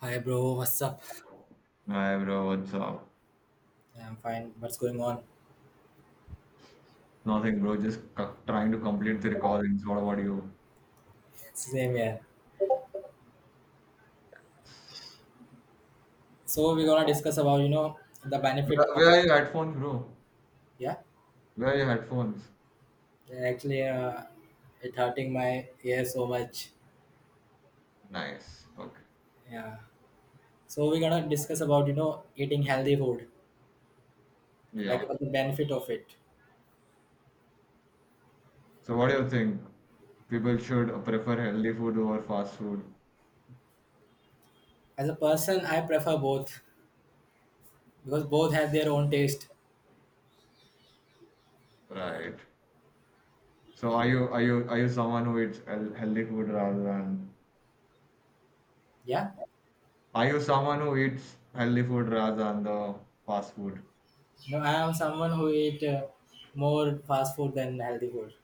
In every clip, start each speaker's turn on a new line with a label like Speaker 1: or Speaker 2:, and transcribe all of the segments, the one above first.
Speaker 1: Hi bro, what's up?
Speaker 2: Hi bro, what's up?
Speaker 1: I'm fine. What's going on?
Speaker 2: Nothing bro, just trying to complete the recordings. What about you?
Speaker 1: Same here. So we're gonna discuss about the benefit
Speaker 2: Where,
Speaker 1: of
Speaker 2: where are your headphones, bro?
Speaker 1: yeah.
Speaker 2: Where are your headphones?
Speaker 1: Actually, it hurting my ear so much.
Speaker 2: Nice. Okay.
Speaker 1: Yeah. So we're gonna discuss about you know eating healthy food, like
Speaker 2: Yeah.
Speaker 1: about the benefit of it.
Speaker 2: So what do you think? People should prefer healthy food over fast food,
Speaker 1: As a person, I prefer both because both have their own taste.
Speaker 2: right? So are you someone who eats healthy food rather than
Speaker 1: Yeah.
Speaker 2: are you someone who eats healthy food rather than the fast food?
Speaker 1: You know, I am someone who eat more fast food than healthy food,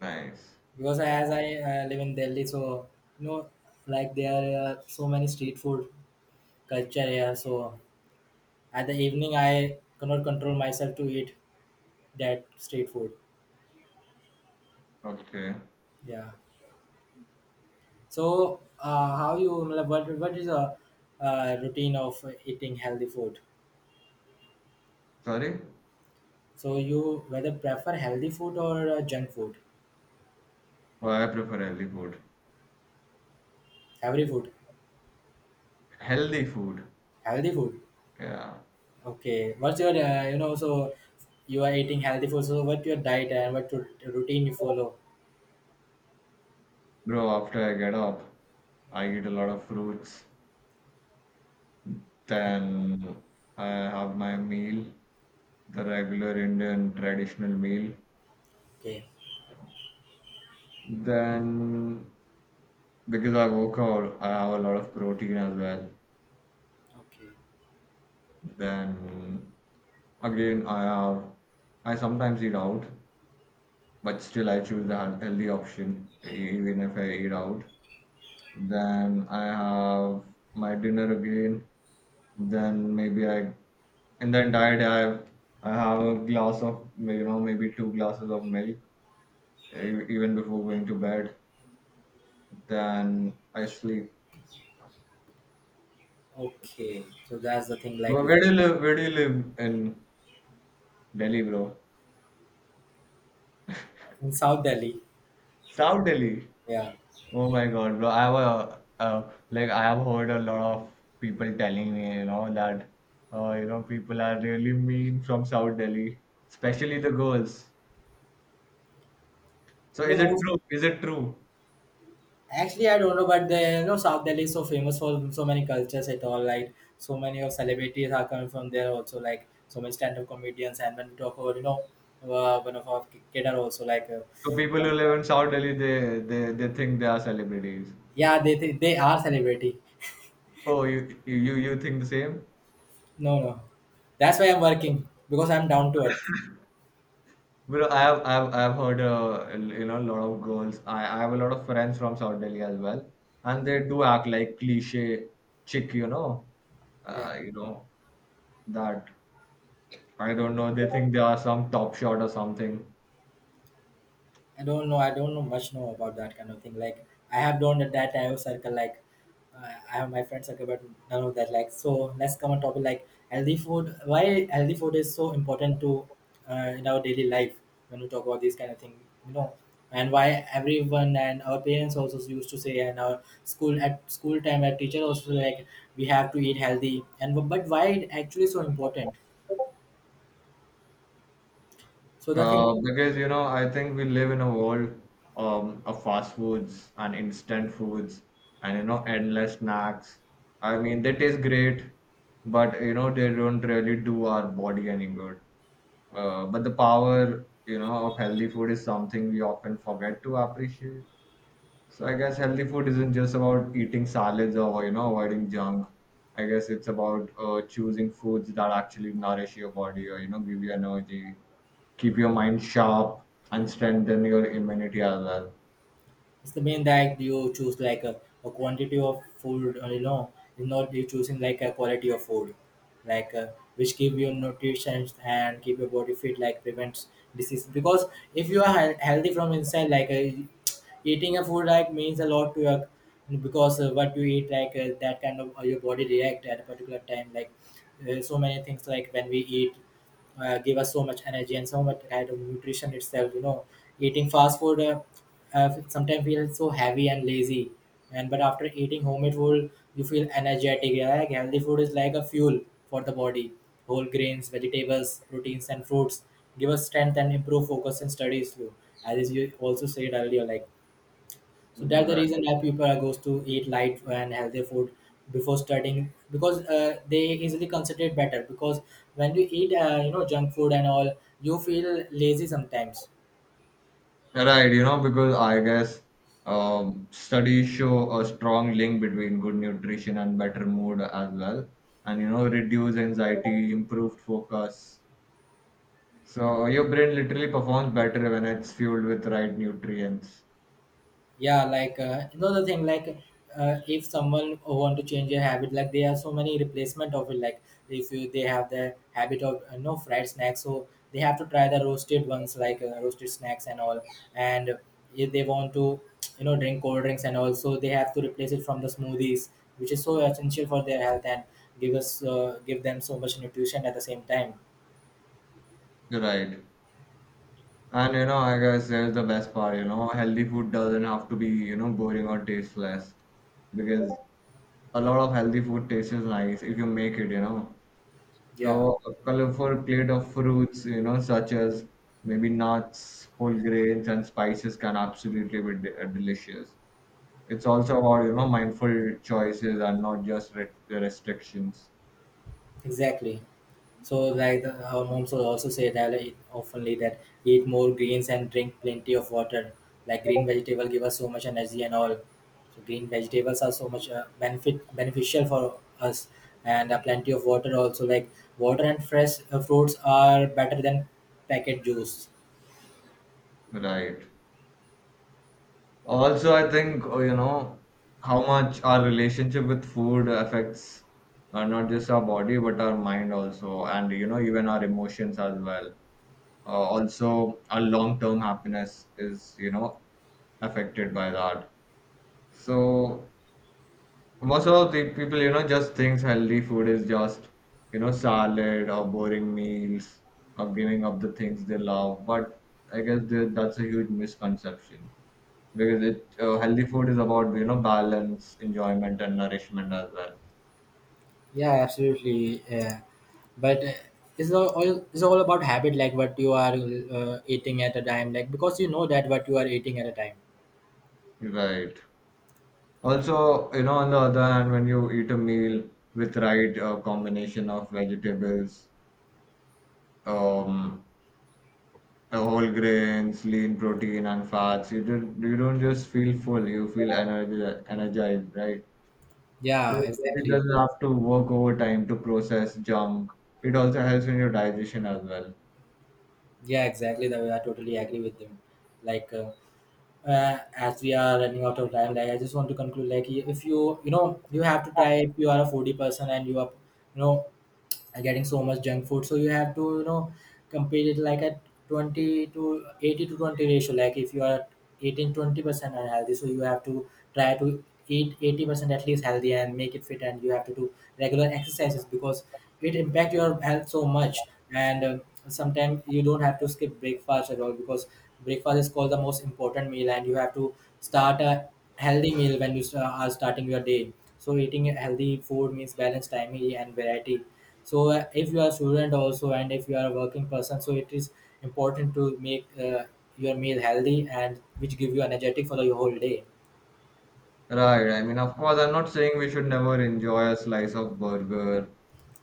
Speaker 2: Nice.
Speaker 1: because as I live in Delhi, so you know, like there are so many street food culture here. So at the evening, I cannot control myself to eat that street food.
Speaker 2: Okay.
Speaker 1: Yeah. So how you मतलब, what is a routine of eating healthy food?
Speaker 2: Sorry?
Speaker 1: So you whether prefer healthy food or junk food?
Speaker 2: Well, I prefer healthy food.
Speaker 1: Every food,
Speaker 2: Healthy food.
Speaker 1: healthy food.
Speaker 2: Yeah.
Speaker 1: Okay. What's your you know, so you are eating healthy food. So what your diet and what routine you follow?
Speaker 2: Bro, after I get up, I eat a lot of fruits, then I have my meal, the regular Indian traditional meal.
Speaker 1: Okay.
Speaker 2: Then, because I work out, I have a lot of protein as well.
Speaker 1: Okay,
Speaker 2: Then, again, I have, I sometimes eat out, but still I choose the healthy option, even if I eat out. Then I have my dinner again. Then maybe I, in the entire day, I have a glass of, you know, maybe two glasses of milk, even before going to bed. Then I sleep.
Speaker 1: okay. So that's the thing. Like
Speaker 2: Bro,
Speaker 1: if
Speaker 2: where do you live? Where do you live in Delhi, bro?
Speaker 1: in South Delhi,
Speaker 2: South Delhi.
Speaker 1: yeah.
Speaker 2: Oh my God, bro! I have a, like I have heard a lot of people telling me, you know, that you know people are really mean from South Delhi, especially the girls. So
Speaker 1: You know,
Speaker 2: is it
Speaker 1: most
Speaker 2: true? Is it true?
Speaker 1: actually I don't know, but the you know South Delhi is so famous for so many cultures at all. Like so many of celebrities are coming from there also. Like so many stand-up comedians, and when we talk about you know one of our cater also like
Speaker 2: So people who live in South Delhi, they think they are celebrities.
Speaker 1: yeah they are celebrity.
Speaker 2: Oh, you think the same?
Speaker 1: No no, that's why I'm working because I'm down to it.
Speaker 2: Bro, I have I've heard you know a lot of girls. I have a lot of friends from South Delhi as well, and they do act like cliche chick,
Speaker 1: Yeah.
Speaker 2: you know that I don't know. They think they are some top shot or something.
Speaker 1: I don't know. I don't know much know about that kind of thing. Like I have done that I have circle. Like I have my friend circle, but none of that. Like so, let's come on topic. Like healthy food. Why healthy food is so important to in our daily life when we talk about these kind of thing. You know, and why everyone and our parents also used to say and our school at school time our teacher also, like we have to eat healthy and but why it actually so important. So the thing
Speaker 2: Because you know, I think we live in a world of fast foods and instant foods and you know, endless snacks. I mean, they taste great, but you know, they don't really do our body any good. But the power, you know, of healthy food is something we often forget to appreciate. So I guess healthy food isn't just about eating salads or you know avoiding junk. I guess it's about choosing foods that actually nourish your body or you know give you energy, keep your mind sharp, and strengthen your immunity as well.
Speaker 1: it's the main that you choose like a quantity of food, you know, you not you choosing like a quality of food like which give you nutrition and keep your body fit, like prevents disease, because if you are healthy from inside like eating a food like means a lot to your because what you eat like that kind of your body react at a particular time like so many things, like when we eat give us so much energy and so much kind of nutrition itself. You know, eating fast food sometimes feels so heavy and lazy, and but after eating homemade food you feel energetic, yeah, like healthy food is like a fuel for the body. Whole grains, vegetables, proteins and fruits give us strength and improve focus in studies too, as you also said earlier. Like so that's the
Speaker 2: Right.
Speaker 1: reason why people are goes to eat light and healthy food before studying, because they easily consider it better, because when you eat you know junk food and all you feel lazy sometimes.
Speaker 2: Right, you know, because I guess studies show a strong link between good nutrition and better mood as well, and you know, reduce anxiety, improved focus. So your brain literally performs better when it's fueled with right nutrients.
Speaker 1: Yeah, like another thing, like if someone want to change their habit, like there are so many replacement of it. Like if you, they have the habit of no fried snacks, so they have to try the roasted ones, like roasted snacks and all. And if they want to, you know, drink cold drinks and also, they have to replace it from the smoothies, which is so essential for their health and give us give them so much nutrition at the same time.
Speaker 2: Right. And you know, I guess there's the best part, you know, healthy food doesn't have to be, you know, boring or tasteless because a lot of healthy food tastes nice if you make it, you know.
Speaker 1: Yeah,
Speaker 2: So a colorful plate of fruits, you know, such as maybe nuts, whole grains, and spices can absolutely be delicious. It's also about, you know, mindful choices and not just re restrictions.
Speaker 1: exactly. So, like the, our moms will also say that it oftenly, that eat more greens and drink plenty of water. Like green vegetable give us so much energy and all. So green vegetables are so much benefit beneficial for us, and plenty of water also. Like water and fresh fruits are better than packet juice.
Speaker 2: Right. Also, I think, oh, you know, how much our relationship with food affects not just our body but our mind also, and you know, even our emotions as well. Also, our long-term happiness is, you know, affected by that. So most of the people, you know, just thinks healthy food is just, you know, salad or boring meals or giving up the things they love. But I guess that's a huge misconception because it healthy food is about you know balance enjoyment and nourishment as well.
Speaker 1: Yeah, absolutely. Yeah. But it's all, it's all about habit, like what you are eating at a time, like because you know that what you are eating at a time.
Speaker 2: Right, also you know on the other hand when you eat a meal with right combination of vegetables um whole grains lean protein and fats you don't just feel full, you feel energized, right? So
Speaker 1: Yeah,
Speaker 2: your body
Speaker 1: exactly.
Speaker 2: doesn't have to work overtime to process junk, it also helps in your digestion as well.
Speaker 1: Yeah, exactly. That I totally agree with him. Like, as we are running out of time, like I just want to conclude. Like, if you you know you have to try, if you are a foodie person and you are you know are getting so much junk food, so you have to you know compare it like a 20 to 80 to 20 ratio. Like if you are eating 20% unhealthy, so you have to try to eat 80% at least healthy and make it fit, and you have to do regular exercises because it impact your health so much. And sometimes you don't have to skip breakfast at all, because breakfast is called the most important meal, and you have to start a healthy meal when you are starting your day. So eating a healthy food means balanced, timely, and variety. So if you are a student also and if you are a working person, so it is important to make your meal healthy and which give you energetic for the whole day.
Speaker 2: Right. I mean, of course, I'm not saying we should never enjoy a slice of burger.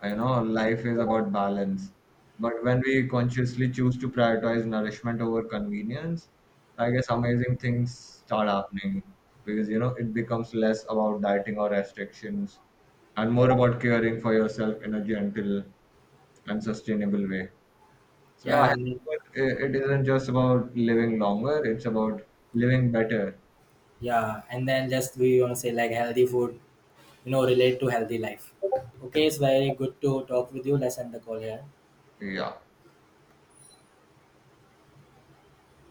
Speaker 2: You know, life is about balance. But when we consciously choose to prioritize nourishment over convenience, I guess amazing things start happening because, you know, it becomes less about dieting or restrictions and more about caring for yourself in a gentle and sustainable way. So yeah, I
Speaker 1: Yeah,
Speaker 2: think
Speaker 1: and
Speaker 2: it isn't just about living longer, it's about living better.
Speaker 1: yeah, and then just we want to say like healthy food, you know, relate to healthy life. Okay, it's very good to talk with you. Let's end the call here.
Speaker 2: Yeah.